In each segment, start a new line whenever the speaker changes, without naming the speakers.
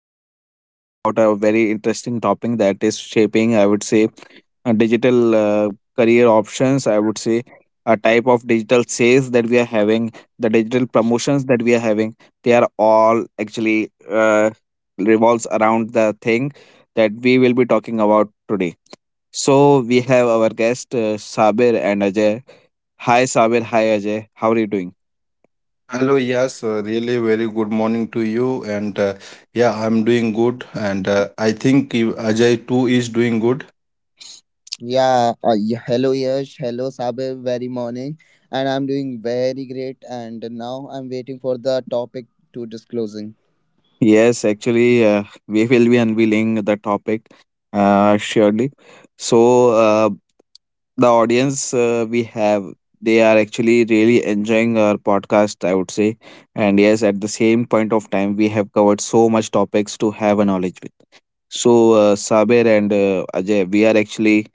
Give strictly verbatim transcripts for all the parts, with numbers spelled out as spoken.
We will be talking about a very interesting topic that is shaping, I would say, uh, digital uh, career options. I would say a type of digital sales that we are having, the digital promotions that we are having, they are all actually uh, revolves around the thing that we will be talking about today. So we have our guest, uh, Sabir and Ajay. Hi, Sabir. Hi, Ajay. How are you doing?
Hello, yes, uh, really very good morning to you. And uh, yeah, I'm doing good. And uh, I think you- Ajay too is doing good.
Yeah, uh, y- hello Yash, hello Sabir, very morning. And I'm doing very great and now I'm waiting for the topic to disclosing.
Yes, actually, uh, we will be unveiling the topic uh, surely. So, uh, the audience uh, we have, they are actually really enjoying our podcast, I would say. And yes, at the same point of time, we have covered so much topics to have a knowledge with. So, uh, Sabir and uh, Ajay, we are actually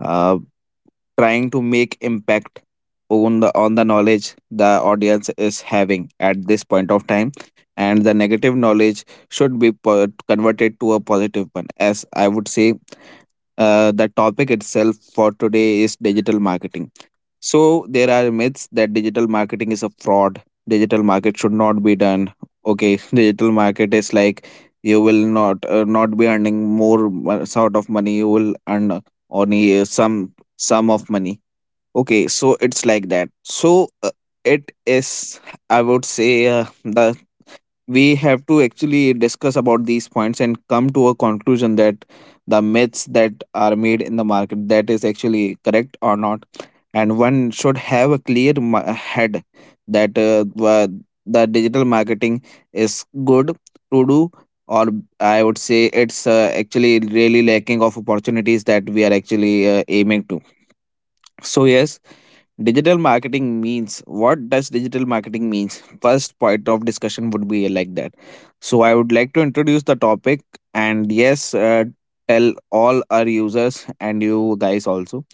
uh, trying to make impact on the on the knowledge the audience is having at this point of time, and the negative knowledge should be po- converted to a positive one, as I would say. Uh, the topic itself for today is digital marketing. So there are myths that digital marketing is a fraud, digital market should not be done. Okay, digital market is like you will not uh, not be earning more mo- sort of money. You will earn uh, only uh, some sum of money. Okay, so it's like that. So uh, it is, I would say, uh, the, we have to actually discuss about these points and come to a conclusion that the myths that are made in the market, that is actually correct or not, and one should have a clear ma- head that uh, wha- the digital marketing is good to do, or I would say it's uh, actually really lacking of opportunities that we are actually uh, aiming to. So yes, digital marketing means, what does digital marketing means, first point of discussion would be like that. So I would like to introduce the topic, and yes, uh, tell all our users and you guys also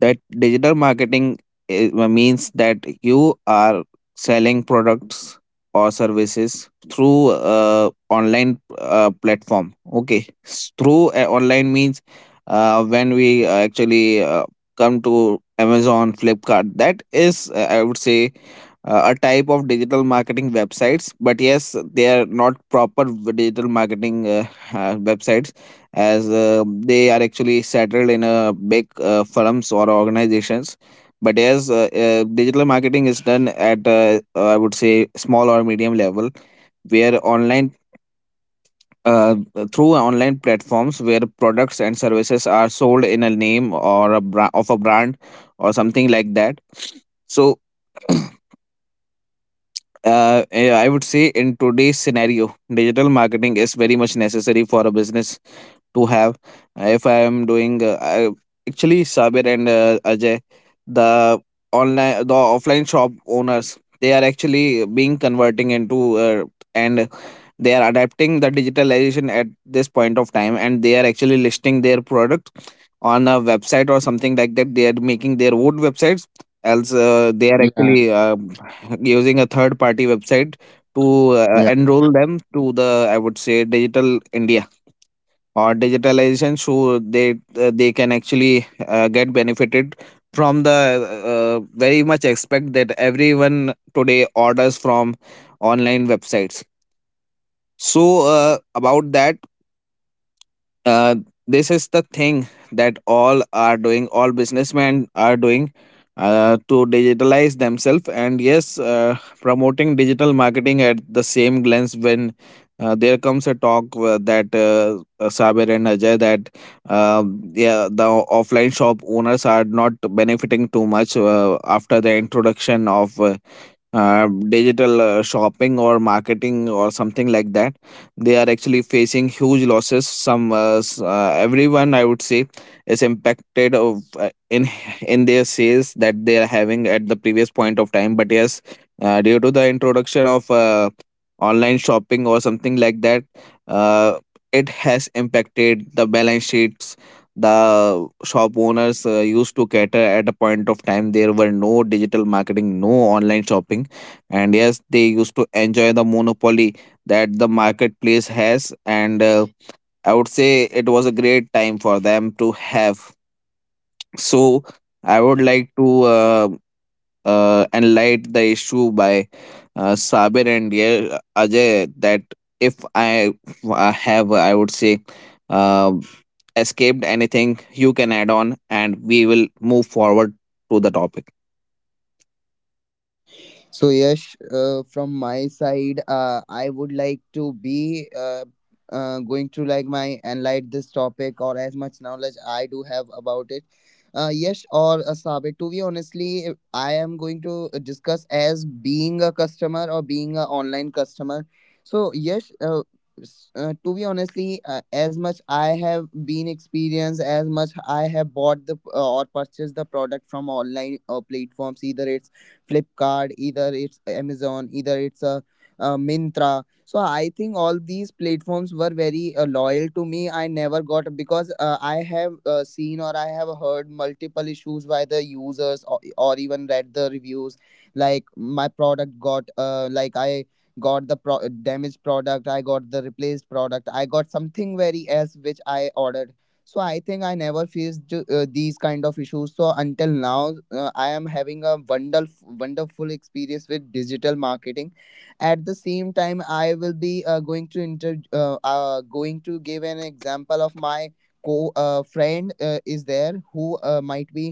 that digital marketing is, means that you are selling products or services through uh, online uh, platform. Okay, S- through uh, online means uh, when we uh, actually uh, come to Amazon, Flipkart. That is, uh, I would say, uh, a type of digital marketing websites. But yes, they are not proper v- digital marketing uh, uh, websites, as uh, they are actually settled in a big uh, firms or organizations. But yes, uh, uh, digital marketing is done at, uh, uh, I would say, small or medium level, where online uh, through online platforms where products and services are sold in a name or a bra- of a brand or something like that. So uh, eh, I would say in today's scenario, digital marketing is very much necessary for a business to have. Uh, If I am doing uh, I, actually Sabir and uh, Ajay, the online, the offline shop owners, they are actually being converting into uh, and they are adapting the digitalization at this point of time, and they are actually listing their product on a website or something like that, they are making their own websites, else uh, they are actually uh, using a third party website to uh,
Yeah.
enroll them to the, I would say, digital India or digitalization, so they uh, they can actually uh, get benefited from the uh, very much expect that everyone today orders from online websites. So uh, about that, uh, this is the thing that all are doing, all businessmen are doing, uh, to digitalize themselves. And yes, uh, promoting digital marketing at the same glance, when uh, there comes a talk uh, that uh, uh, Saber and Ajay, that uh, yeah, the offline shop owners are not benefiting too much uh, after the introduction of uh, uh, digital uh, shopping or marketing or something like that. They are actually facing huge losses, some uh, s- uh, everyone, I would say, is impacted of uh, in in their sales that they are having at the previous point of time. But yes, uh, due to the introduction of uh, online shopping or something like that, uh, it has impacted the balance sheets the shop owners uh, used to cater. At a point of time there were no digital marketing, no online shopping, and yes, they used to enjoy the monopoly that the marketplace has, and uh, I would say it was a great time for them to have. So I would like to uh, uh, enlighten the issue by uh, Sabir and, yeah, Ajay, that if I uh, have, I would say, uh, escaped anything, you can add on and we will move forward to the topic.
So, yes, uh, from my side, uh, I would like to be uh, uh, going through like my enlight this topic or as much knowledge I do have about it. Uh, yes, or uh, Sabit, to be honestly, if I am going to uh, discuss as being a customer or being an online customer. So, yes, uh, s- uh, to be honestly, uh, as much I have been experienced, as much I have bought the uh, or purchased the product from online uh, platforms, either it's Flipkart, either it's Amazon, either it's a, uh Mintra. So I think all these platforms were very uh, loyal to me. I never got because uh, I have uh, seen or I have heard multiple issues by the users or, or even read the reviews. Like my product got uh, like I got the pro- damaged product, I got the replaced product, I got something very else which I ordered. So I think I never faced ju- uh, these kind of issues so until now. uh, I am having a wonderful wonderful experience with digital marketing. At the same time, I will be uh, going to inter uh, uh, going to give an example of my co uh, friend uh, is there who uh, might be.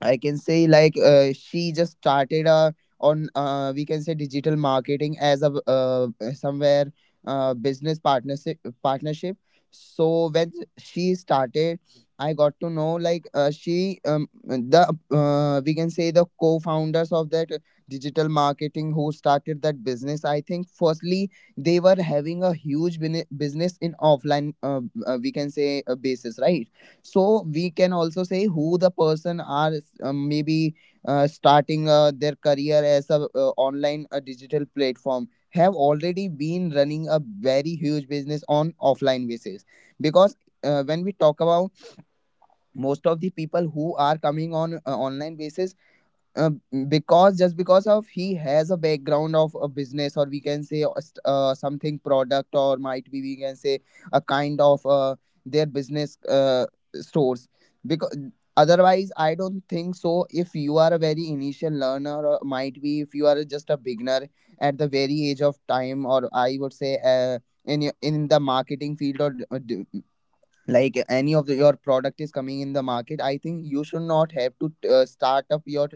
I can say, like, uh, she just started uh, on, uh, we can say, digital marketing as a, uh, somewhere, uh, business partnership partnership. So when she started, I got to know like uh, she um, the uh, we can say the co-founders of that digital marketing who started that business. I think firstly they were having a huge bini- business in offline, uh, uh, we can say a basis, right? So we can also say who the person are, uh, maybe uh, starting uh, their career as a, uh, online a digital platform have already been running a very huge business on offline basis. Because uh, when we talk about most of the people who are coming on uh, online basis, uh, because just because of he has a background of a business, or we can say a st- uh, something product, or might be we can say a kind of uh, their business, uh, stores. Because otherwise I don't think so, if you are a very initial learner, or might be if you are just a beginner at the very age of time, or I would say, uh, in your- in the marketing field, or uh, d- like any of the, your product is coming in the market, I think you should not have to uh, start up your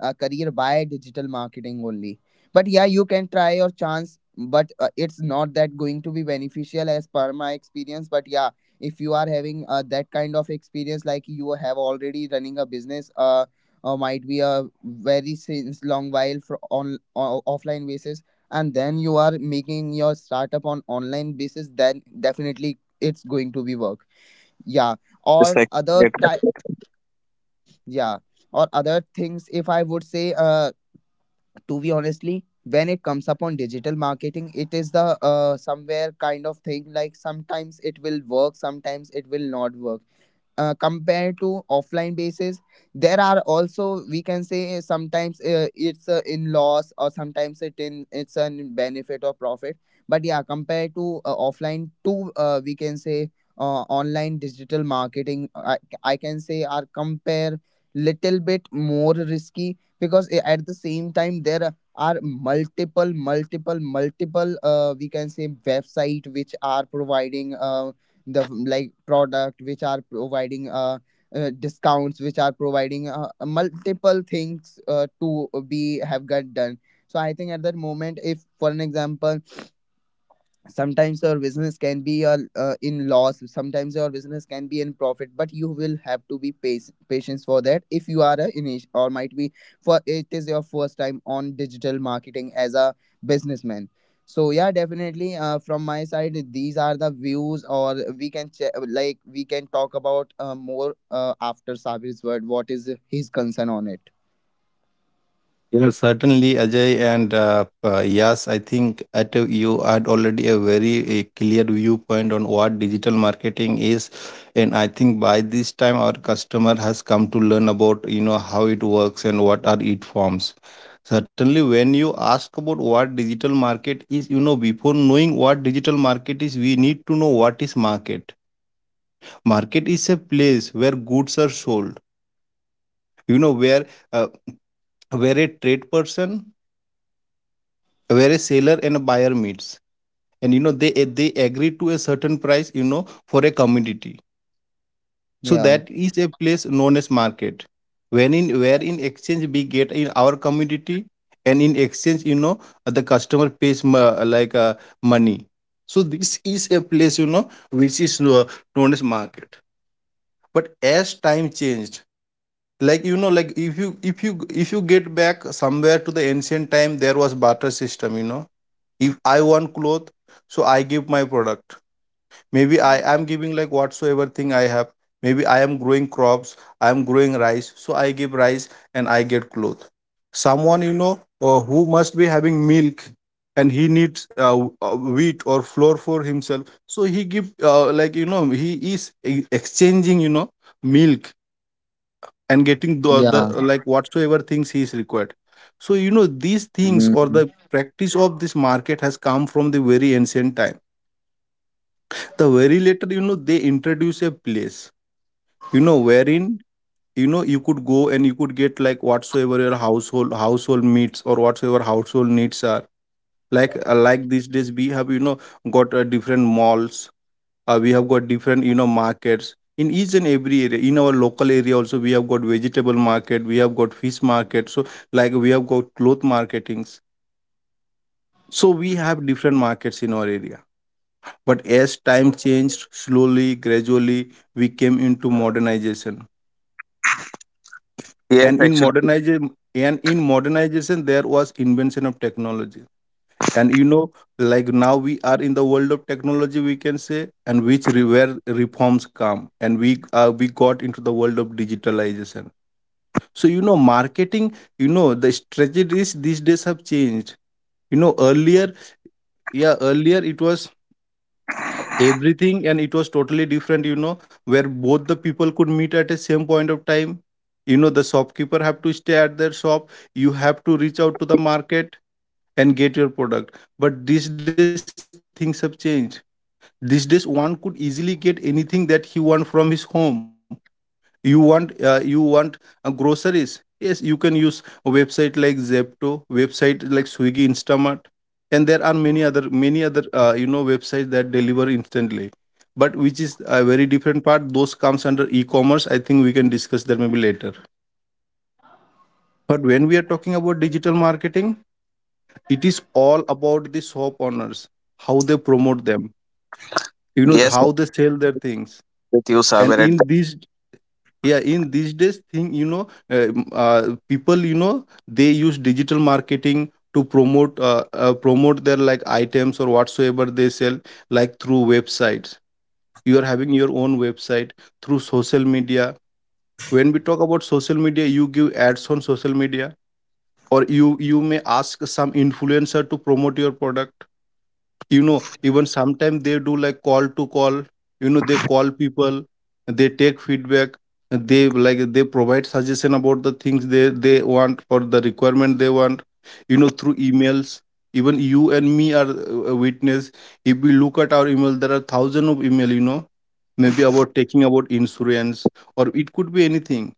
uh, career by digital marketing only. But yeah, you can try your chance, but uh, it's not that going to be beneficial as per my experience. But yeah, if you are having uh, that kind of experience, like you have already running a business, uh, uh might be a very since long while for on o- offline basis, and then you are making your startup on online basis, then definitely it's going to be work. Yeah, or
Yes, like
other type. Yeah, or other things, if I would say, uh to be honestly, when it comes upon digital marketing, it is the uh somewhere kind of thing, like sometimes it will work, sometimes it will not work. Uh, compared to offline basis, there are also, we can say, sometimes uh, it's uh, in loss, or sometimes it in it's a benefit or profit. But yeah, compared to uh, offline to, uh, we can say, uh, online digital marketing, I, I can say are compare little bit more risky. Because a- at the same time, there are multiple multiple multiple uh, we can say website which are providing uh, the like product, which are providing uh, uh, discounts, which are providing uh, uh, multiple things uh, to be have got done. So I think at that moment, if for an example, sometimes your business can be uh, uh, in loss, sometimes your business can be in profit. But you will have to be pace, patience for that, if you are a init- or might be for it is your first time on digital marketing as a businessman. So yeah, definitely uh, from my side, these are the views, or we can che- like we can talk about uh, more uh, after Sabir's word, what is his concern on it.
Yeah, certainly, Ajay. And uh, uh, yes, I think at a, you had already a very a clear viewpoint on what digital marketing is, and I think by this time our customer has come to learn about, you know, how it works and what are its forms. Certainly, when you ask about what digital market is, you know, before knowing what digital market is, we need to know what is market. Market is a place where goods are sold. You know where. Uh, where a trade person where a seller and a buyer meets, and, you know, they eh, they agree to a certain price, you know, for a commodity. So
Yeah.
that is a place known as market, when in where in exchange we get in our commodity, and in exchange, you know, the customer pays mo- like uh, money. So this is a place, you know, which is kno- known as market. But as time changed, like, you know, like if you if you if you get back somewhere to the ancient time, there was barter system, you know. If I want cloth, so I give my product. Maybe I am giving like whatsoever thing I have. Maybe I am growing crops, I am growing rice, so I give rice and I get cloth. Someone, you know, uh, who must be having milk, and he needs uh, w- uh, wheat or flour for himself, so he give, uh, like, you know, he is e- exchanging, you know, milk and getting the, the
Yeah.
like, whatsoever things he is required. So, you know, these things or
Mm.
the practice of this market has come from the very ancient time. The very later, you know, they introduce a place, you know, wherein, you know, you could go and you could get like whatsoever your household household needs or whatsoever household needs are. Like, uh, like these days we have, you know, got uh, different malls. Uh, we have got different, you know, markets in each and every area. In our local area also we have got vegetable market, we have got fish market. So like we have got cloth marketings. So we have different markets in our area. But as time changed, slowly gradually, we came into modernization.
yes,
and in
actually,
modernization and in modernization there was invention of technology. And, you know, like now we are in the world of technology, we can say. And which re- where reforms come and we uh, we got into the world of digitalization. So, you know, marketing, you know, the strategies these days have changed. You know, earlier, yeah, earlier it was everything, and it was totally different, you know, where both the people could meet at a same point of time. You know, the shopkeeper have to stay at their shop, you have to reach out to the market and get your product. But these days things have changed. These days one could easily get anything that he want from his home. You want uh, you want uh, groceries, yes, you can use a website like Zepto, website like Swiggy Instamart. And there are many other, many other, uh, you know, websites that deliver instantly. But which is a very different part, those comes under e-commerce. I think we can discuss that maybe later. But when we are talking about digital marketing, it is all about the shop owners, how they promote them, you know,
yes, I'm
how they sell their things.
with you,
And
Saber. At the,
in these, yeah, in these days thing, you know, uh, uh, people, you know, they use digital marketing to promote uh, uh, promote their like items or whatsoever they sell. Like through websites, you are having your own website, through social media. When we talk about social media, you give ads on social media, or you you may ask some influencer to promote your product. You know, even sometimes they do like call to call, you know, they call people, they take feedback, they like they provide suggestion about the things they, they want or the requirement they want, you know, through emails. Even you and me are uh, a witness. If we look at our email, there are thousands of email, you know, maybe about taking about insurance, or it could be anything,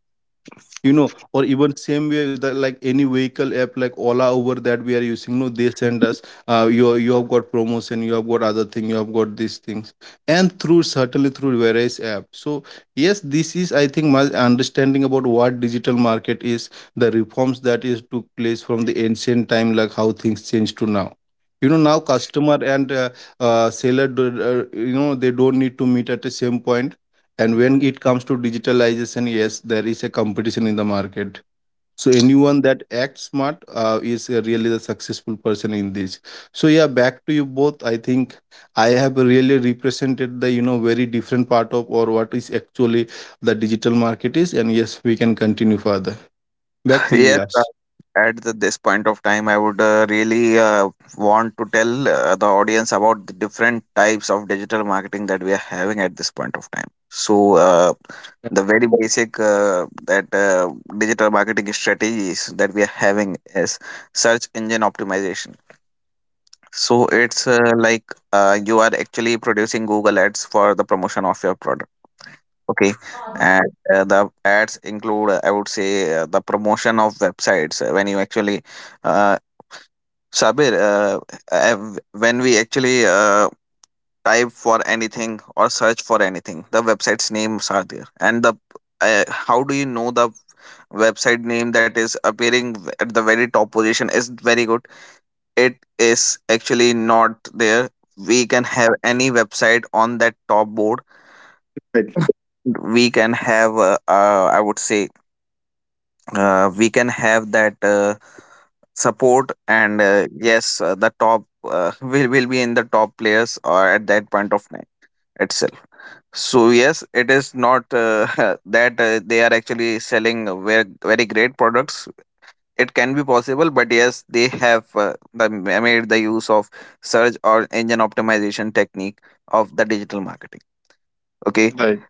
you know. Or even same way that like any vehicle app like Ola, Uber that we are using, no, they send us, uh, you you have got promotion, you have got other thing, you have got these things, and through, certainly, through various apps. So yes, this is, I think, my understanding about what digital market is, the reforms that is took place from the ancient time, like how things change to now. You know, now customer and, uh, uh, seller do, uh, you know, they don't need to meet at the same point. And when it comes to digitalization, yes, there is a competition in the market. So anyone that acts smart uh, is uh, really the successful person in this. So yeah, back to you both. I think I have really represented the, you know, very different part of, or what is actually the digital market is. And yes, we can continue further. Back to you,
yes, uh,
Yash.
at the, this point of time, I would uh, really uh, want to tell uh, the audience about the different types of digital marketing that we are having at this point of time. So, uh, the very basic uh, that uh, digital marketing strategies that we are having is search engine optimization. So it's uh, like uh, you are actually producing Google ads for the promotion of your product. Okay, and uh, the ads include, uh, I would say, uh, the promotion of websites. Uh, When you actually, uh, Sabir, uh, uh, w- when we actually uh, type for anything or search for anything, the website's names are there. And the uh, how do you know the website name that is appearing v- at the very top position is very good. It is actually not there. We can have any website on that top board. We can have, uh, uh, I would say, uh, we can have that uh, support, and uh, yes, uh, the top uh, will will be in the top players or at that point of time itself. So yes, it is not uh, that uh, they are actually selling very, very great products. It can be possible, but yes, they have uh, the, made the use of search or engine optimization technique of the digital marketing. Okay,
Bye.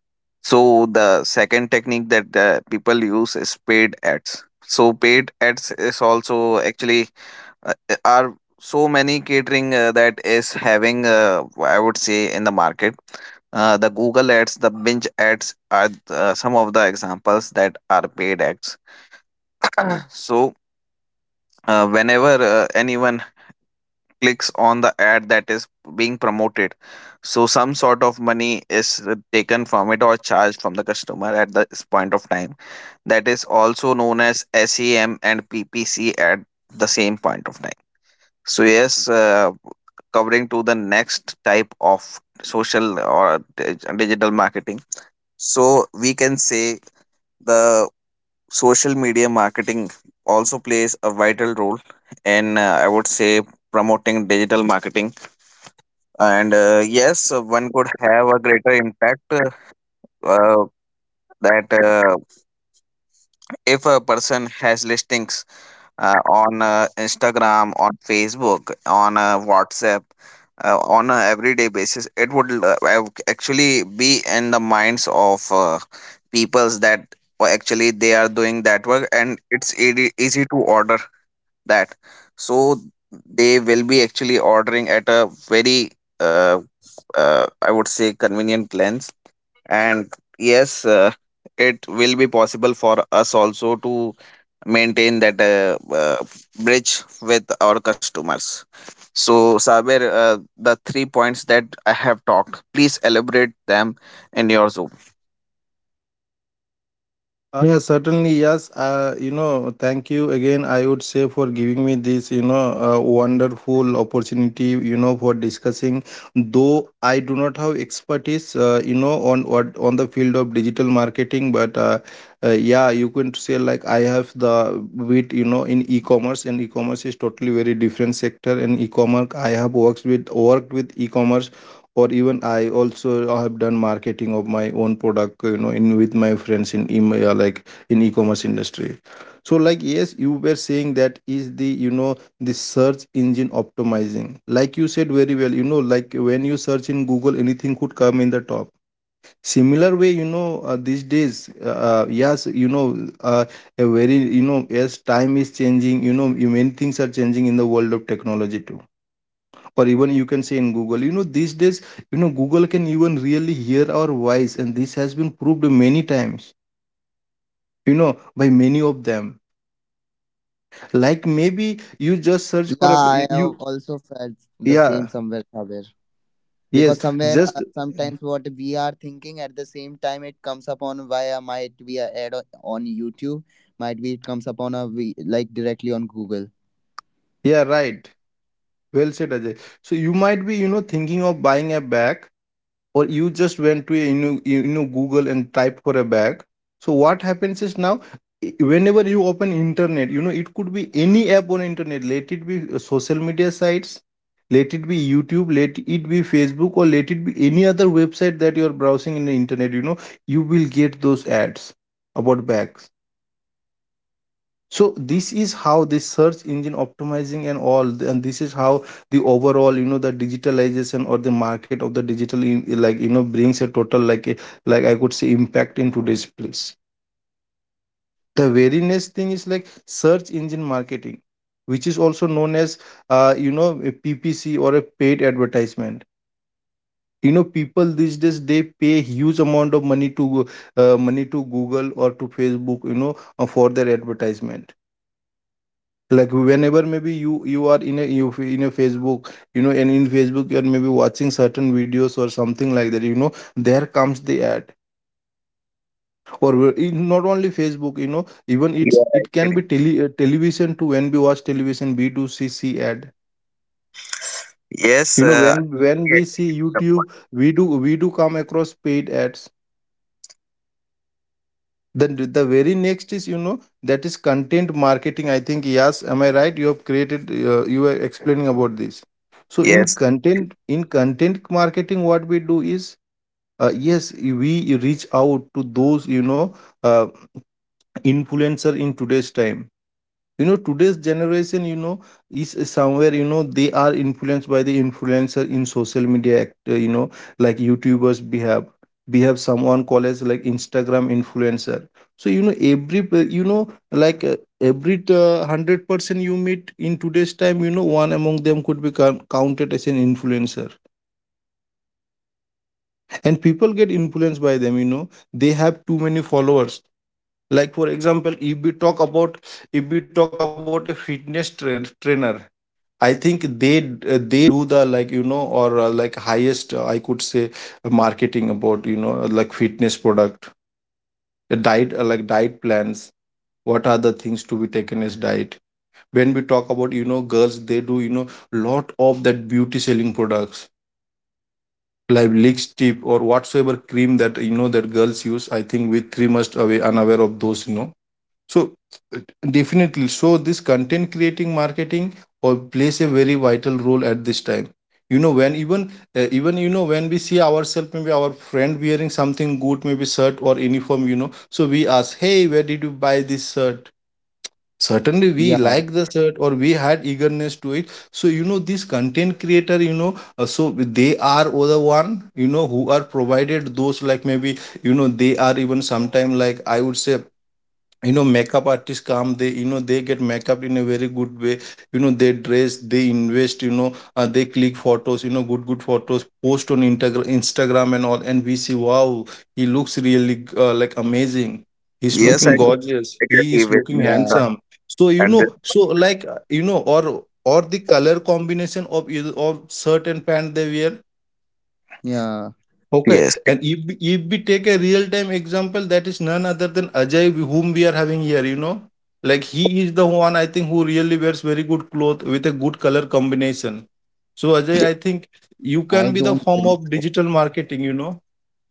so the second technique that uh, people use is paid ads. So paid ads is also actually uh, uh, are so many catering uh, that is having, uh, I would say, in the market. Uh, the Google ads, the binge ads are uh, some of the examples that are paid ads. So uh, whenever uh, anyone clicks on the ad that is being promoted, so some sort of money is uh, taken from it or charged from the customer at this point of time. That is also known as S E M and P P C at the same point of time. So yes, uh, covering to the next type of social or dig- digital marketing, so we can say the social media marketing also plays a vital role in, uh, I would say, promoting digital marketing. And uh, yes, uh, one could have a greater impact uh, uh, that uh, if a person has listings uh, on uh, Instagram, on Facebook, on uh, WhatsApp, uh, on a everyday basis, it would uh, ac- actually be in the minds of uh, peoples that uh, actually they are doing that work, and it's ea- easy to order that. So they will be actually ordering at a very uh, uh, I would say convenient lens. And yes, uh, it will be possible for us also to maintain that uh, uh, bridge with our customers. So Saber, uh, the three points that I have talked, please elaborate them in your zoom.
Uh, yeah, certainly, yes. Uh, you know, thank you again, I would say, for giving me this, you know, uh, wonderful opportunity, you know, for discussing. Though I do not have expertise, uh, you know, on what on the field of digital marketing, but uh, uh, yeah, you can say like I have the bit, you know, in e-commerce, and e-commerce is totally very different sector. And e-commerce, I have worked with, worked with e-commerce, or even I also have done marketing of my own product, you know, in with my friends in email, like in e-commerce industry. So like, yes, you were saying that is the, you know, the search engine optimizing, like you said very well, you know, like when you search in Google, anything could come in the top. Similar way, you know, uh, these days uh, uh, yes, you know, uh, a very, you know, as time is changing, you know, many things are changing in the world of technology too. Or even you can say, in Google, you know, these days, you know, Google can even really hear our voice, and this has been proved many times, you know, by many of them. Like maybe you just search for a,
Yeah, I
you,
have also felt the same
yeah,
somewhere, Sabir.
yes,
Because somewhere,
just,
uh, sometimes what we are thinking at the same time, it comes upon via, might be a ad o- on YouTube. Might be it comes upon a v- like directly on Google.
yeah, right, well said, Ajay. So you might be, you know, thinking of buying a bag, or you just went to, you know, you know, Google and type for a bag. So what happens is now, i- whenever you open internet, you know, it could be any app on internet, let it be uh, social media sites, let it be YouTube, let it be Facebook, or let it be any other website that you are browsing in the internet, you know, you will get those ads about bags. So this is how the search engine optimizing and all, and this is how the overall, you know, the digitalization or the market of the digital in- like, you know, brings a total like a, like I could say, impact in today's place. The very next thing is like search engine marketing, which is also known as, uh, you know, a P P C or a paid advertisement. You know, people these days they pay huge amount of money to go- uh, money to Google or to Facebook, you know, uh, for their advertisement. Like whenever maybe you you are in a, you f- in a Facebook, you know, and in Facebook you are maybe watching certain videos or something like that, you know, there comes the ad. Or wh- in not only Facebook, you know, even it's
Yeah,
it can be
actually.
tele, uh, television too. When we watch television we do see see ad.
Yes,
You know,
uh,
when when
yes.
we see YouTube, we do we do come across paid ads. Then the the very next is, you know, that is content marketing. I think, yes, am I right? You have created, uh, you were explaining about this. So in
Yes,
content in content marketing, what we do is uh, yes, we reach out to those you know uh, influencer in today's time you know Today's generation you know is somewhere you know they are influenced by the influencer in social media act- uh, you know like youtubers we have we have someone called as like instagram influencer. So you know every pe- you know like uh, every uh, one hundred person you meet in today's time you know one among them could be coun- counted as an influencer, and people get influenced by them you know They have too many followers. Like, for example, if we talk about if we talk about a fitness tra- trainer, I think they they do the like, you know or uh, like highest, uh, I could say, uh, marketing about, you know like fitness product, the diet, uh, like diet plans, what are the things to be taken as diet. When we talk about, you know girls, they do, you know lot of that beauty selling products, like lick tip or whatsoever cream that, you know that girls use. I think we three must away unaware of those you know So uh, definitely, so this content creating marketing or plays a very vital role at this time. You know when even, uh, even, you know when we see ourselves, maybe our friend wearing something good, maybe shirt or uniform you know so we ask, hey, where did you buy this shirt? Certainly we
Yeah.
like the shirt or we had eagerness to it, so you know this content creator you know uh, so they are all the one, you know who are provided those, like maybe, you know they are even sometime, like I would say you know makeup artists come, they, you know they get makeup in a very good way you know they dress, they invest, you know uh, they click photos, you know good good photos post on Integra- instagram and all, and we see, wow, he looks really, uh, like, amazing, he's
yes,
looking
I do
gorgeous, he
agree
is
with
looking
you,
Yeah,
handsome. So you
sir.
know so like, uh, you know or or the color combination of either of shirt and pant they wear.
yeah.
Okay,
Yes.
and if we- if we take a real time example, that is none other than Ajay, whom we are having here. You know, like he is the one I think who really wears very good clothes with a good color combination. So Ajay,
Ye-
I think you
I
can be the
don't
form
think
of
so.
digital marketing. You know,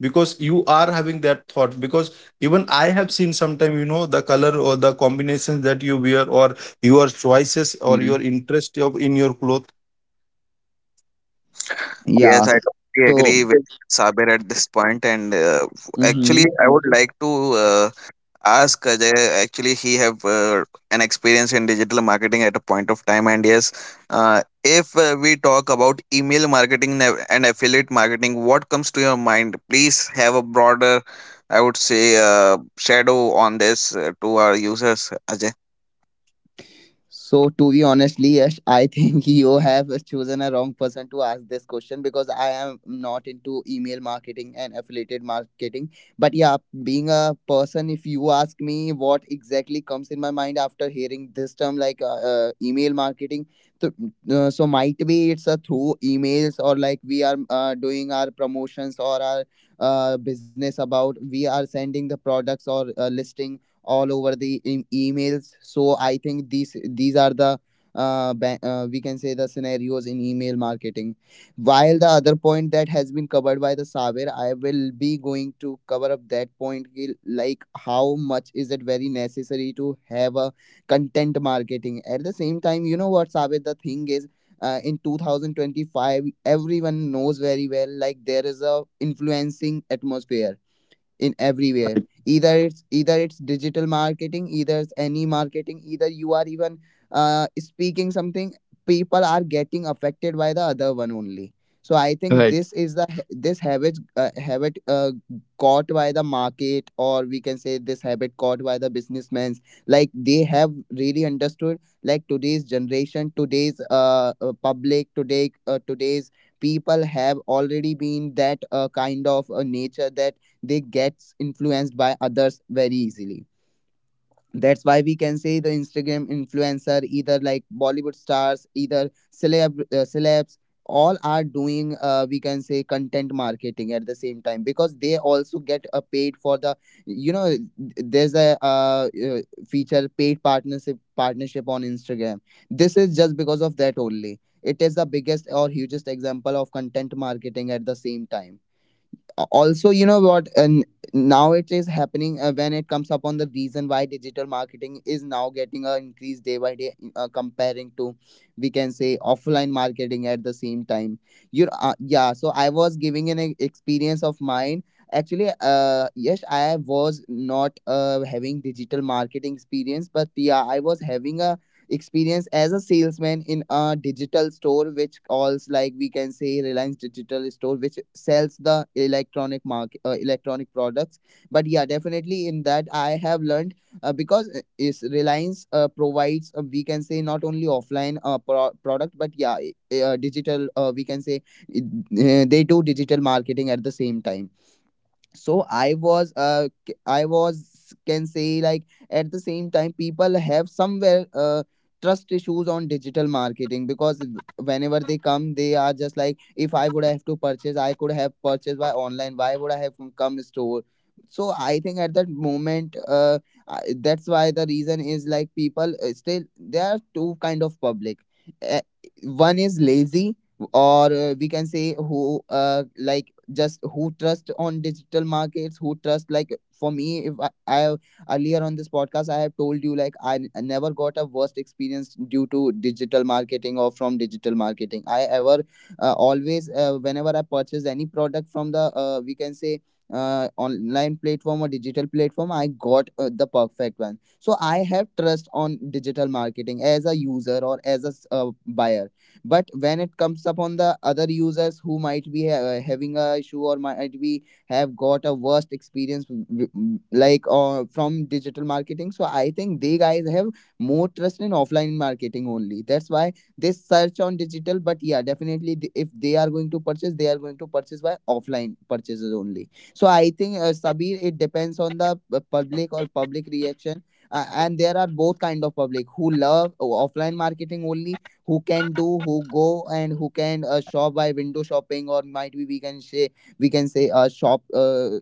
because you are having that thought. Because even I have seen sometime, you know the color or the combinations that you wear or your choices or your
Hmm.
interest of in your clothes.
Yes,
Yeah.
I totally
So,
agree with Sabir at this point. And uh, actually,
mhm.
I would like to uh, ask Ajay. Actually, he have uh, an experience in digital marketing at a point of time. And yes, uh, if uh, we talk about email marketing nav- and affiliate marketing, what comes to your mind? Please have a broader, I would say, uh, shadow on this uh, to our users, Ajay.
So, to be honestly, Yash, I think you have chosen a wrong person to ask this question, because I am not into email marketing and affiliated marketing. But yeah, being a person, if you ask me what exactly comes in my mind after hearing this term, like, uh, uh, email marketing, so, uh, so might be it's a through emails, or like we are uh, doing our promotions, or our uh, business about we are sending the products, or uh, listing all over the em emails. So I think these these are the uh, ba- uh, we can say the scenarios in email marketing. While the other point that has been covered by the Saber, I will be going to cover up that point, ki- like how much is it very necessary to have a content marketing. At the same time, you know what, Saber, the thing is, uh, in two thousand twenty-five everyone knows very well, like there is a influencing atmosphere in everywhere. Either it's either it's digital marketing, either it's any marketing, either you are even uh, speaking something, people are getting affected by the other one only. So I think this is the ha- this habit, uh, habit uh, caught by the market, or we can say this habit caught by the businessmen. Like they have really understood, like today's generation, today's uh, uh public, today, uh, today's people have already been that uh, kind of a nature that they get influenced by others very easily. That's why we can say the Instagram influencer, either like Bollywood stars, either celeb uh, celebs, all are doing, uh, we can say, content marketing at the same time, because they also get uh, paid for the you know there's a uh, uh, feature paid partnership partnership on Instagram. This is just because of that only, it is the biggest or hugest example of content marketing at the same time. Also, you know what, and now it is happening, uh, when it comes upon the reason why digital marketing is now getting a increase day by day, uh, comparing to, we can say, offline marketing at the same time. You uh, Yeah, so I was giving an e- experience of mine. Actually, uh yes, I was not uh having digital marketing experience, but yeah, I was having a experience as a salesman in a digital store, which calls, like, we can say, Reliance Digital store, which sells the electronic market uh, electronic products. But yeah, definitely, in that I have learned, uh, because uh, is Reliance uh, provides, uh, we can say, not only offline uh, pro- product, but yeah, i- uh, digital, uh, we can say, uh, they do digital marketing at the same time. So I was uh c- I was, can say, like, at the same time, people have somewhere uh trust issues on digital marketing, because whenever they come, they are just like, if I would have to purchase, I could have purchased by online, why would I have come come store. So I think at that moment, uh I- that's why the reason is, like people uh, still, there are two kind of public. Uh, One is lazy, or uh, we can say, who uh, like just who trust on digital markets, who trust, like for me, if I, I have- earlier on this podcast I have told you, like, I, n- I never got a worst experience due to digital marketing, or from digital marketing I ever, uh, always, uh, whenever I purchase any product from the, uh, we can say, uh, online platform or digital platform, I got uh, the perfect one. So I have trust on digital marketing as a user, or as a s- uh, buyer. But when it comes upon the other users, who might be ha- uh, having a issue, or might be have got a worst experience w- w- like uh, from digital marketing, so I think they guys have more trust in offline marketing only. That's why they search on digital, but yeah definitely, th- if they are going to purchase, they are going to purchase by offline purchases only. So I think, uh, Sabir, it depends on the uh, public or public reaction. Uh, and there are both kind of public who love o- offline marketing only, who can do, who go and who can uh, shop by window shopping, or might be we can say, we can say uh, shop uh,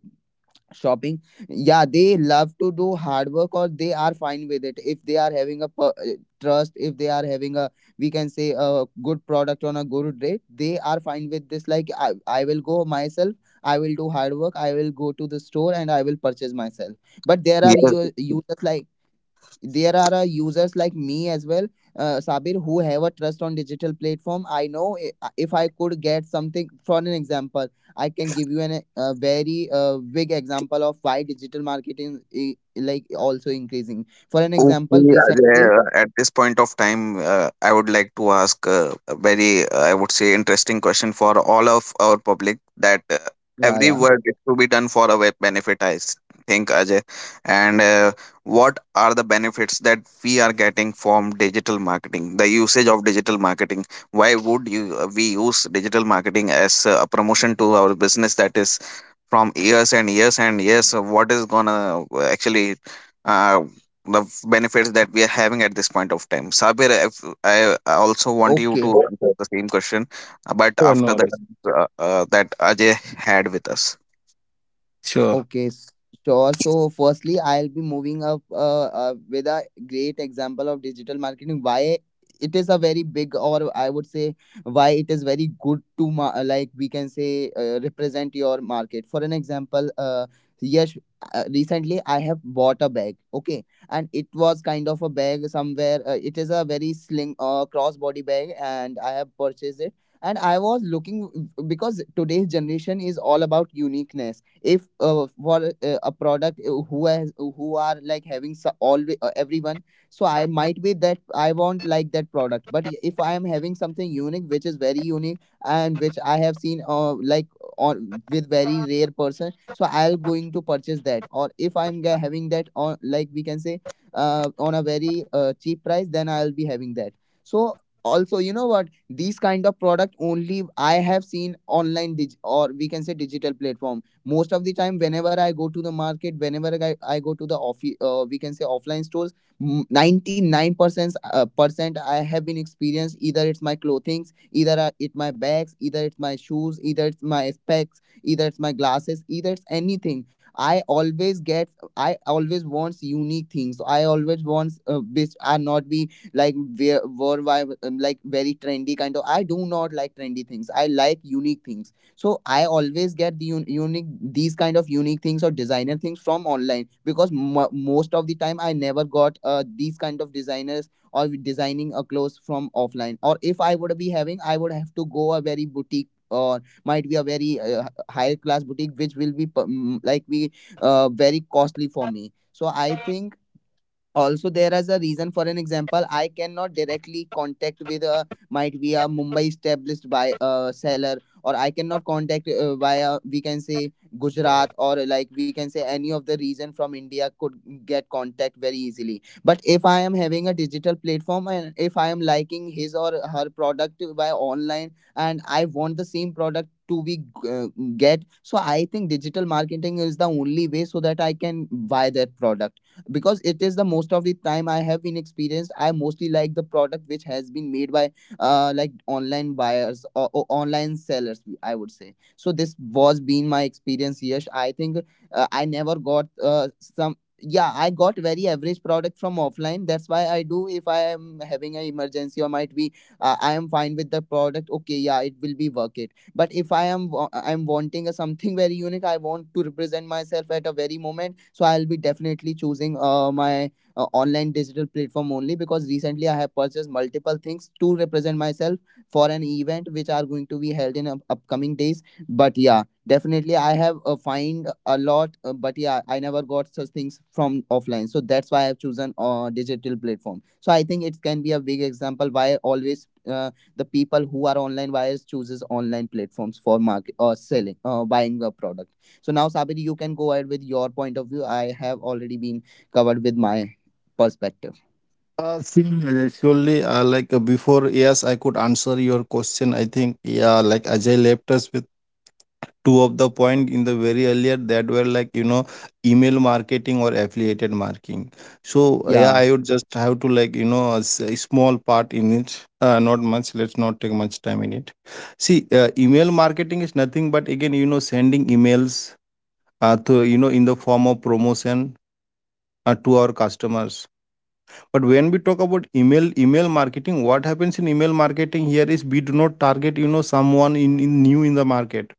shopping. Yeah, they love to do hard work, or they are fine with it if they are having a per- uh, trust, if they are having a, we can say, a good product on a good rate. They are fine with this, like I, I will go myself. I will do hard work, I will go to the store and I will purchase myself. But there are u- users like, there are uh, users like me as well, uh, Sabir, who have a trust on digital platform. I know, i- uh, if I could get something. For an example, I can give you an a very uh, big example of why digital marketing i- like also increasing. For an
Okay,
example, recently.
uh, at this point of time, uh, I would like to ask uh, a very, uh, I would say, interesting question for all of our public, that uh,
Yeah,
every
yeah.
work is to be done for a web benefit, I s- think, Ajay. And uh, what are the benefits that we are getting from digital marketing, the usage of digital marketing? Why would you uh, we use digital marketing as uh, a promotion to our business, that is from years and years and years of what is gonna uh, actually uh, the f- benefits that we are having at this point of time? Sabir, if, I I also want you to
Okay.
answer the same question, uh, but
Yeah,
after
no,
that
this
uh, uh, that Ajay had with us.
sure.
Okay, s- sure. So, firstly, I'll be moving up uh, uh, with a great example of digital marketing. Why it is a very big, or I would say, why it is very good to ma- uh, like we can say uh, represent your market. For an example, uh, yes, uh, recently I have bought a bag. Okay, and it was kind of a bag somewhere. Uh, it is a very sling, uh, crossbody bag, and I have purchased it. And I was looking, because today's generation is all about uniqueness, if uh, for uh, a product uh, who has, who are like having so, always uh, everyone. So I might be that I won't like that product, but if I am having something unique which is very unique, and which I have seen, uh, like, on with very rare person, so I'll going to purchase that. Or if I'm ga- having that on, like we can say, uh, on a very uh, cheap price, then I'll be having that. So, also you know what, these kind of product only I have seen online, dig- or we can say digital platform. Most of the time whenever I go to the market, whenever i, I go to the off uh, we can say offline stores, ninety-nine percent uh, percent I have been experienced, either it's my clothings, either uh, it my bags, either it's my shoes, either it's my specs, either it's my glasses, either it's anything. I always get, I always wants unique things. So, I always wants uh, which are not be like where were why, um, like, very trendy kind of. I do not like trendy things, I like unique things. So I always get the un- unique, these kind of unique things or designer things from online, because mo most of the time I never got uh, these kind of designers or designing a clothes from offline. Or if I would be having, I would have to go a very boutique, or might be a very uh, h- higher class boutique, which will be p- mm, like be uh, very costly for me. So I think, also there is a reason. For an example, I cannot directly contact with a might be a Mumbai established by a seller, or I cannot contact uh, via we can say Gujarat, or like we can say any of the region from India, could get contact very easily. But if I am having a digital platform, and if I am liking his or her product by online, and I want the same product to be uh, get. So I think digital marketing is the only way so that I can buy that product, because it is the most of the time I have been experienced. I mostly like the product which has been made by uh, like online buyers, or, or online sellers I would say. So this was been my experience. Yes, I think, uh, I never got uh, some, yeah I got very average product from offline. That's why I do, if I am having an emergency, or might be uh, I am fine with the product. Okay, yeah, it will be worth it. But if I am wa- I'm wanting a something very unique, I want to represent myself at a very moment. So I'll be definitely choosing uh, my uh, online digital platform only, because recently I have purchased multiple things to represent myself for an event which are going to be held in up- upcoming days. But yeah, definitely I have uh, find a lot, uh, but yeah I never got such things from offline. So that's why I have chosen uh, digital platform. So I think it can be a big example why, always uh, the people who are online buyers chooses online platforms for market, or selling uh, buying a product. So now Sabir, you can go ahead with your point of view. I have already been covered with my perspective.
Uh, see, uh, surely, uh, like, uh, before, yes, I could answer your question. I think, yeah, like Ajay left us with two of the point in the very earlier that were like, you know, email marketing or affiliated marketing. So, yeah,
Yeah,
I would just have to like, you know, a, s- a small part in it, uh, not much. Let's not take much time in it. See, uh, email marketing is nothing but again, you know, sending emails, uh, to, you know, in the form of promotion, uh, to our customers. But when we talk about email, email marketing, what happens in email marketing here is we do not target, you know, someone in, in new in the market.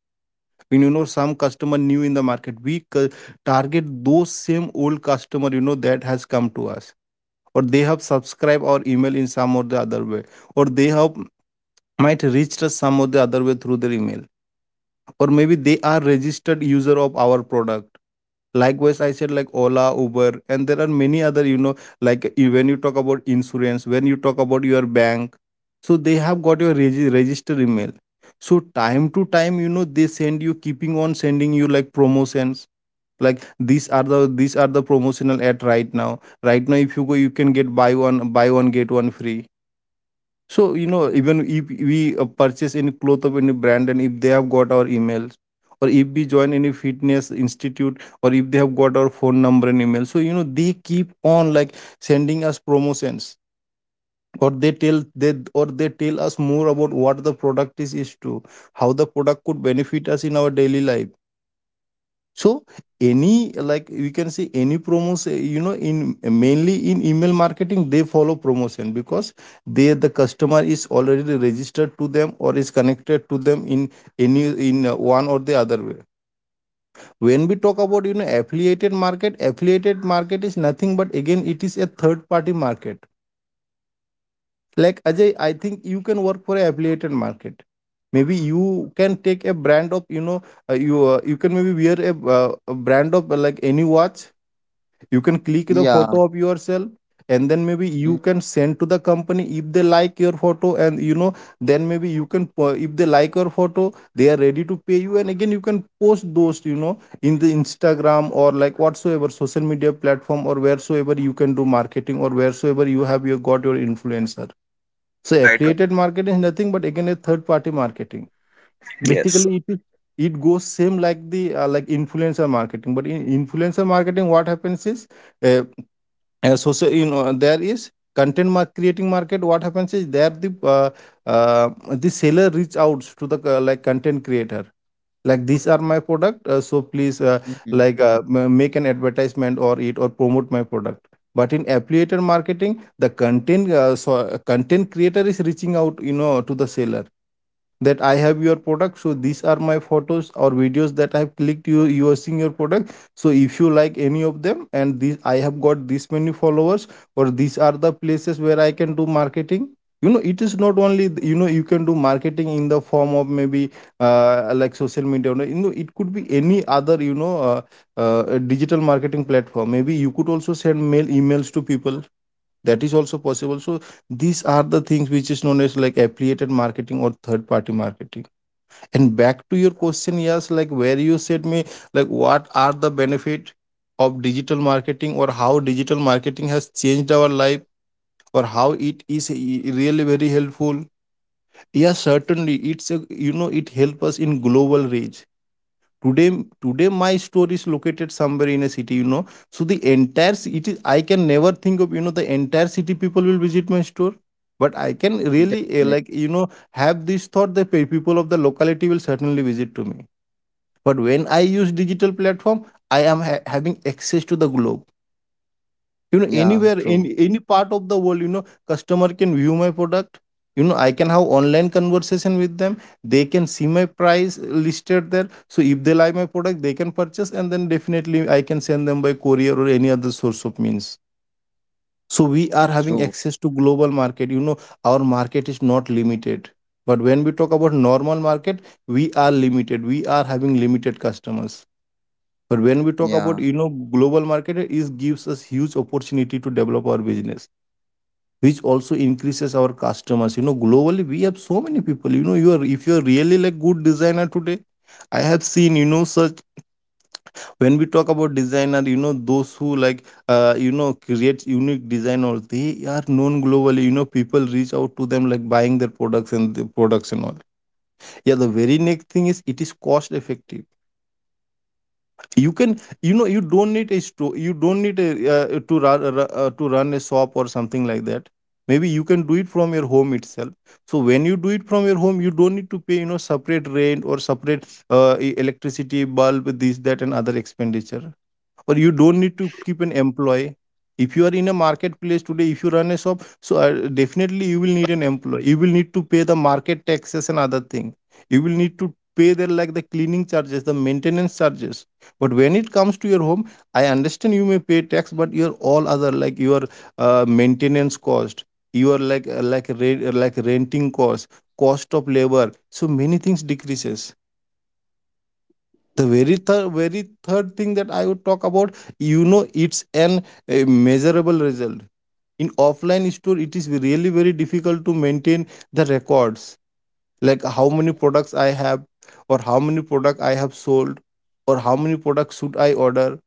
When you know some customer new in the market, we cu- target those same old customer, you know, that has come to us, or they have subscribed our email in some or the other way, or they have might reached us some or the other way through their email, or maybe they are registered user of our product. Likewise, I said like Ola, Uber, and there are many other, you know, like i- when you talk about insurance, when you talk about your bank, so they have got your regi- register email. So time to time, you know, they send you, keeping on sending you like promotions. Like, these are the these are the promotional at right now. Right now, if you go, you can get buy one, buy one get one free. So, you know, even if we uh, purchase any cloth of any brand, and if they have got our emails, or if we join any fitness institute, or if they have got our phone number and email, so, you know, they keep on like sending us promotions, or they tell they or they tell us more about what the product is is to how the product could benefit us in our daily life. So any, like we can say, any promotion, you know in mainly in email marketing, they follow promotion because they the customer is already registered to them or is connected to them in any, in uh, one or the other way. When we talk about, you know affiliated market, affiliated market is nothing but again it is a third party market. Like, Ajay, I think you can work for a affiliated market. Maybe you can take a brand of, you know uh, you uh, you can maybe wear a, uh, a brand of, uh, like any watch. You can click the
yeah.
photo of yourself, and then maybe you can send to the company. If they like your photo, and you know then maybe you can po- if they like your photo, they are ready to pay you, and again you can post those, you know in the instagram or like whatsoever social media platform, or wheresoever you can do marketing, or wheresoever you have you got your influencer. So
Yeah, it
affiliated marketing is nothing but again a third party marketing.
was.
Basically it is it goes same like the, uh, like, influencer marketing. But in influencer marketing, what happens is, uh, uh, so, so you know there is content mar- creating market. What happens is there the, uh, uh, the seller reach out to the, uh, like, content creator, like, these are my product, uh, so please, uh,
Mhm.
like uh, m- make an advertisement or it, or promote my product. But in affiliated marketing, the content uh, so uh, content creator is reaching out, you know to the seller, that I have your product, so these are my photos or videos that I have clicked you using your product. So if you like any of them, and this I have got this many followers, or these are the places where I can do marketing. you know it is not only th- you know you can do marketing in the form of maybe, uh, like, social media. you know it could be any other, you know uh, uh, digital marketing platform. Maybe you could also send mail emails to people, that is also possible. So these are the things which is known as like affiliated marketing or third party marketing. And back to your question, yes, like where you said me, like, what are the benefit of digital marketing, or how digital marketing has changed our life, or how it is e- really very helpful. Yes, certainly it's a, you know it help us in global reach. Today, today my store is located somewhere in a city, you know. So the entire ci- it is I can never think of, you know the entire city people will visit my store, but I can really, uh,
Definitely.
like, you know have this thought that pe- people of the locality will certainly visit to me. But when I use digital platform, I am ha- having access to the globe. You know,
Yeah,
anywhere
true.
in any part of the world, you know, customer can view my product. You know, I can have online conversation with them. They can see my price listed there. So if they like my product, they can purchase, and then definitely I can send them by courier or any other source of means. So we are having
True.
access to global market. You know, our market is not limited. But when we talk about normal market, we are limited. We are having limited customers. But when we talk
Yeah,
about, you know, global market, it gives us huge opportunity to develop our business, which also increases our customers. You know, globally, we have so many people. You know, you are if you are really like good designer today, I have seen, you know, such when we talk about designer, you know, those who like, uh, you know, creates unique design, or they are known globally. You know, people reach out to them like buying their products and the products and all. Yeah, the very next thing is it is cost effective. You can, you know, you don't need a store, you don't need a uh, to run uh, to run a shop or something like that. Maybe you can do it from your home itself. So when you do it from your home, you don't need to pay, you know, separate rent or separate uh, e- electricity bulb, this, that and other expenditure. Or you don't need to keep an employee. If you are in a marketplace today, if you run a shop, so uh, definitely you will need an employee, you will need to pay the market taxes and other thing. You will need to pay their like the cleaning charges, the maintenance charges. But when it comes to your home, I understand you may pay tax, but your all other like your uh, maintenance cost, your like uh, like re- like renting cost, cost of labor, so many things decreases. The very third, very third thing that I would talk about, you know, it's an a measurable result. In offline store it is really very difficult to maintain the records, like how many products I have, or how many product I have sold, or how many products should I order.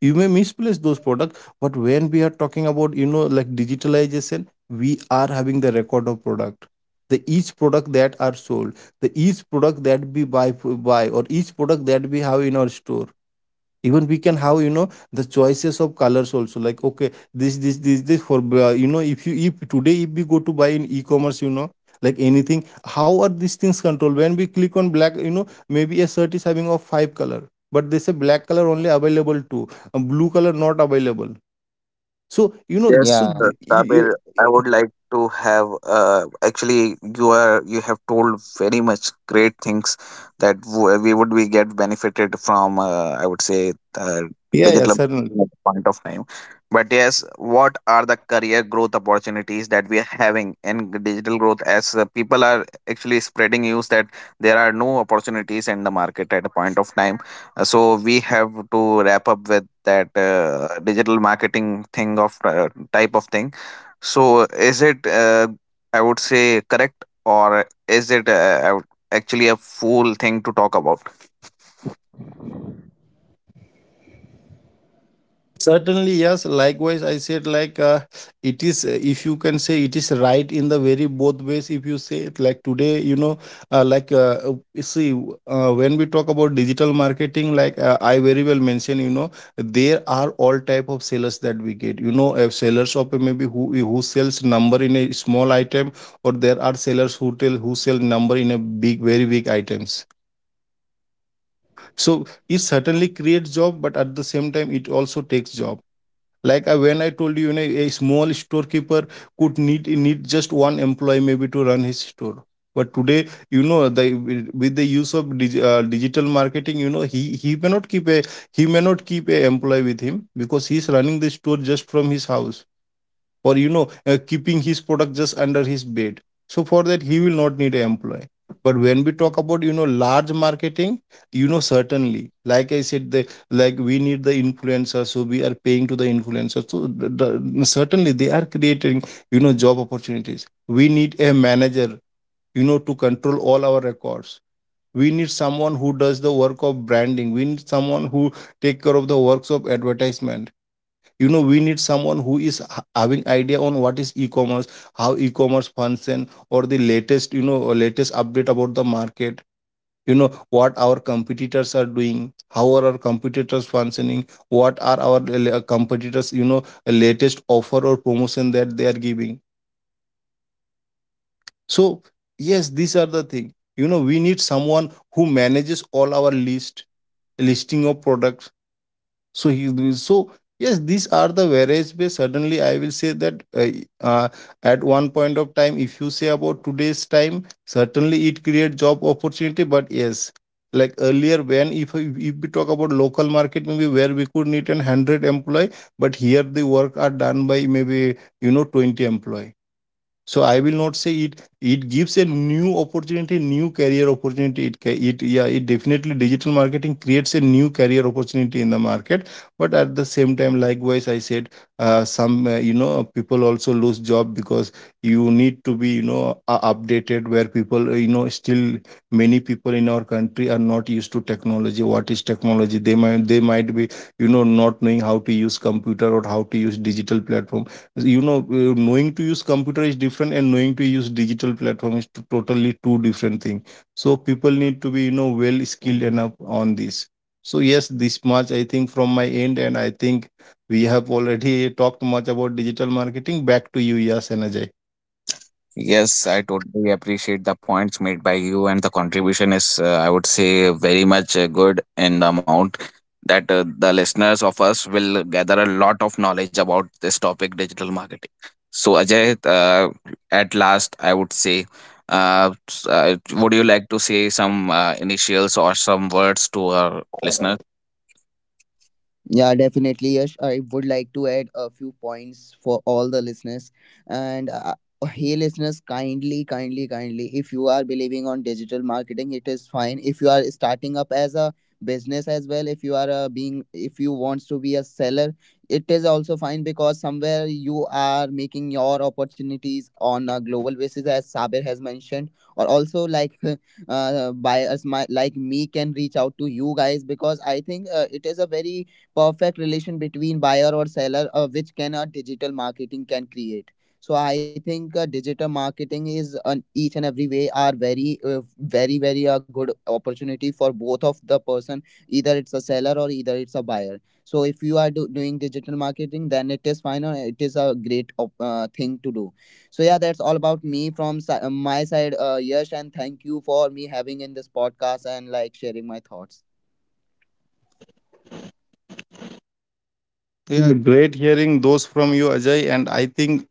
You may misplace those products, but when we are talking about, you know, like digitalization, we are having the record of product, the each product that are sold, the each product that we buy buy or each product that we have in our store. Even we can have, you know, the choices of colors also, like okay, this this this this for uh, you know, if you, if today if we go to buy in e-commerce, you know, like anything, how are these things controlled? When we click on black, you know, maybe a shirt is having of five color, but they say black color only available two, uh, blue color not available. So you know,
Yes,
so
yeah.
uh,
the, you, you-
Sabir, I would like to have, uh, actually you are, you have told very much great things that w- we would be get benefited from, uh, I would say, uh,
yeah, yeah,
digital at
certainly.
the point of time. But yes, what are the career growth opportunities that we are having in g- digital growth, as uh, people are actually spreading news that there are no opportunities in the market at a point of time, uh, so we have to wrap up with that uh, digital marketing thing of uh, type of thing. So is it uh, I would say correct, or is it uh, I would- actually a fool thing to talk about?
Certainly, yes, likewise I said, like uh, it is, uh, if you can say it is right in the very both ways. If you say it like today, you know, uh, like uh, uh, you see w- uh, when we talk about digital marketing, like uh, I very well mentioned, you know, there are all type of sellers that we get, you know, a sellers of maybe who who sells number in a small item, or there are sellers who tell who sell number in a big, very big items. So it certainly creates job, but at the same time it also takes job. Like I, when I told you, you know, a small storekeeper could need need just one employee maybe to run his store. But today, you know, the with with the use of dig, uh, digital marketing, you know, he he may not keep a he may not keep a employee with him, because he's running the store just from his house, or you know, uh, keeping his product just under his bed. So for that he will not need an employee. But when we talk about, you know, large marketing, you know, certainly, like I said, the like we need the influencer, so we are paying to the influencer, so the, the, certainly they are creating, you know, job opportunities. We need a manager, you know, to control all our records. We need someone who does the work of branding, we need someone who take care of the works of advertisement. You know, we need someone who is ha- having idea on what is e-commerce, how e-commerce function, or the latest, you know, latest update about the market, you know, what our competitors are doing, how are our competitors functioning, what are our uh, competitors, you know, latest offer or promotion that they are giving. So yes, these are the thing, you know, we need someone who manages all our list, listing of products. So he will so yes, these are the whereas where suddenly I will say that uh, uh, at one point of time, if you say about today's time, certainly it create job opportunity. But yes, like earlier, when if, if we talk about local market, maybe where we could need an one hundred employee, but here the work are done by maybe, you know, twenty employee. So I will not say it. It gives a new opportunity, new career opportunity. It ca- it yeah, it definitely digital marketing creates a new career opportunity in the market. But at the same time, likewise, I said uh, some uh, you know people also lose job, because you need to be, you know, uh, updated. Where people, uh, you know, still many people in our country are not used to technology. What is technology? They might they might be, you know, not knowing how to use computer or how to use digital platform. You know, uh, knowing to use computer is different and knowing to use digital platform is t- totally two different thing. So people need to be, you know, well skilled enough on this. So yes, this much I think from my end, and I think we have already talked much about digital marketing. Back to you, Yes and Ajay.
Yes, I totally appreciate the points made by you, and the contribution is, uh, I would say, very much uh, good, in the amount that uh, the listeners of us will gather a lot of knowledge about this topic, digital marketing. So, Ajay, uh, at last, I would say, uh, s- uh, would you like to say some uh, initials or some words to our listeners?
Yeah, definitely, Yash. I would like to add a few points for all the listeners. And uh, hey listeners, kindly, kindly, kindly, if you are believing on digital marketing, it is fine. If you are starting up as a business as well, if you are uh, being, if you wants to be a seller, it is also fine, because somewhere you are making your opportunities on a global basis, as Sabir has mentioned. Or also like uh, buyers, my, like me, can reach out to you guys, because I think uh, it is a very perfect relation between buyer or seller, uh, which can, uh, digital marketing can create. So I think uh, digital marketing is on each and every way are very, uh, very very a good opportunity for both of the person, either it's a seller, or either it's a buyer. So if you are do- doing digital marketing, then it is fine, or it is a great op- uh, thing to do. So yeah, that's all about me from si- uh, my side, uh, Yash, and thank you for me having in this podcast and like sharing my thoughts.
Yeah, great hearing those from you, Ajay, and I think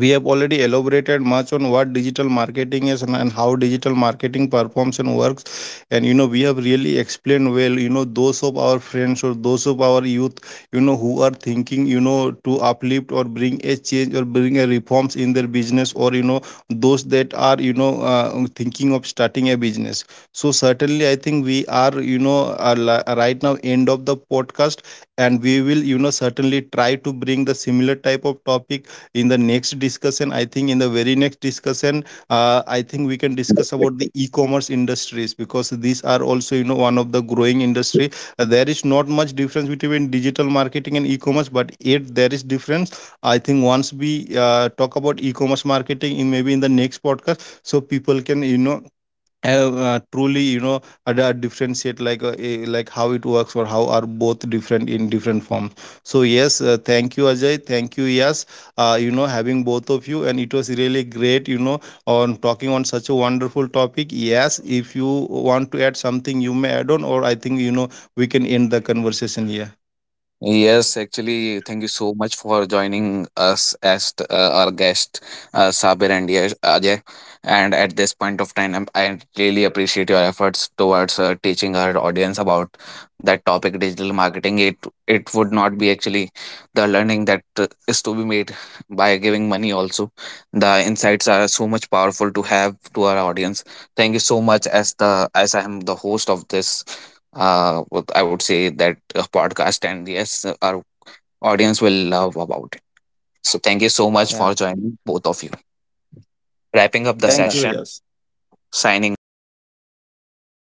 we have already elaborated much on what digital marketing is, and, and how digital marketing performs and works. And you know, we have really explained well, you know, those of our friends or those of our youth, you know, who are thinking, you know, to uplift or bring a change or bring a reforms in their business, or you know, those that are, you know, uh, thinking of starting a business. So certainly, I think we are, you know, are li- uh, right now end of the podcast, and we will, you know, certainly try to bring the similar type of topic in the next discussion. I think in the very next discussion, uh, I think we can discuss about the e-commerce industries, because these are also, you know, one of the growing industry. Uh, there is not much difference between digital marketing and e-commerce, but yet there is difference. I think once we uh, talk about e-commerce marketing in maybe in the next podcast, so people can, you know, have uh, truly, you know, ad- uh, differentiate, like uh, eh, like how it works or how are both different in different forms. So yes, uh, thank you Ajay, thank you Yes, uh, you know, having both of you, and it was really great, you know, on talking on such a wonderful topic. Yes, if you want to add something you may add on, or I think, you know, we can end the conversation here.
Yes, actually, thank you so much for joining us as t- uh, our guest, uh, Sabir and Yash- Ajay. And at this point of time, I'm- I really appreciate your efforts towards uh, teaching our audience about that topic, digital marketing. It it would not be actually the learning that uh, is to be made by giving money. Also, the insights are so much powerful to have to our audience. Thank you so much, as the as I am the host of this, uh, would- I would say, that uh, podcast, and yes, uh, our audience will love about it. So thank you so much for
Yeah,
joining both of you. Wrapping up the
Thank
bye
you,
session,
bye.
Yes.
signing off.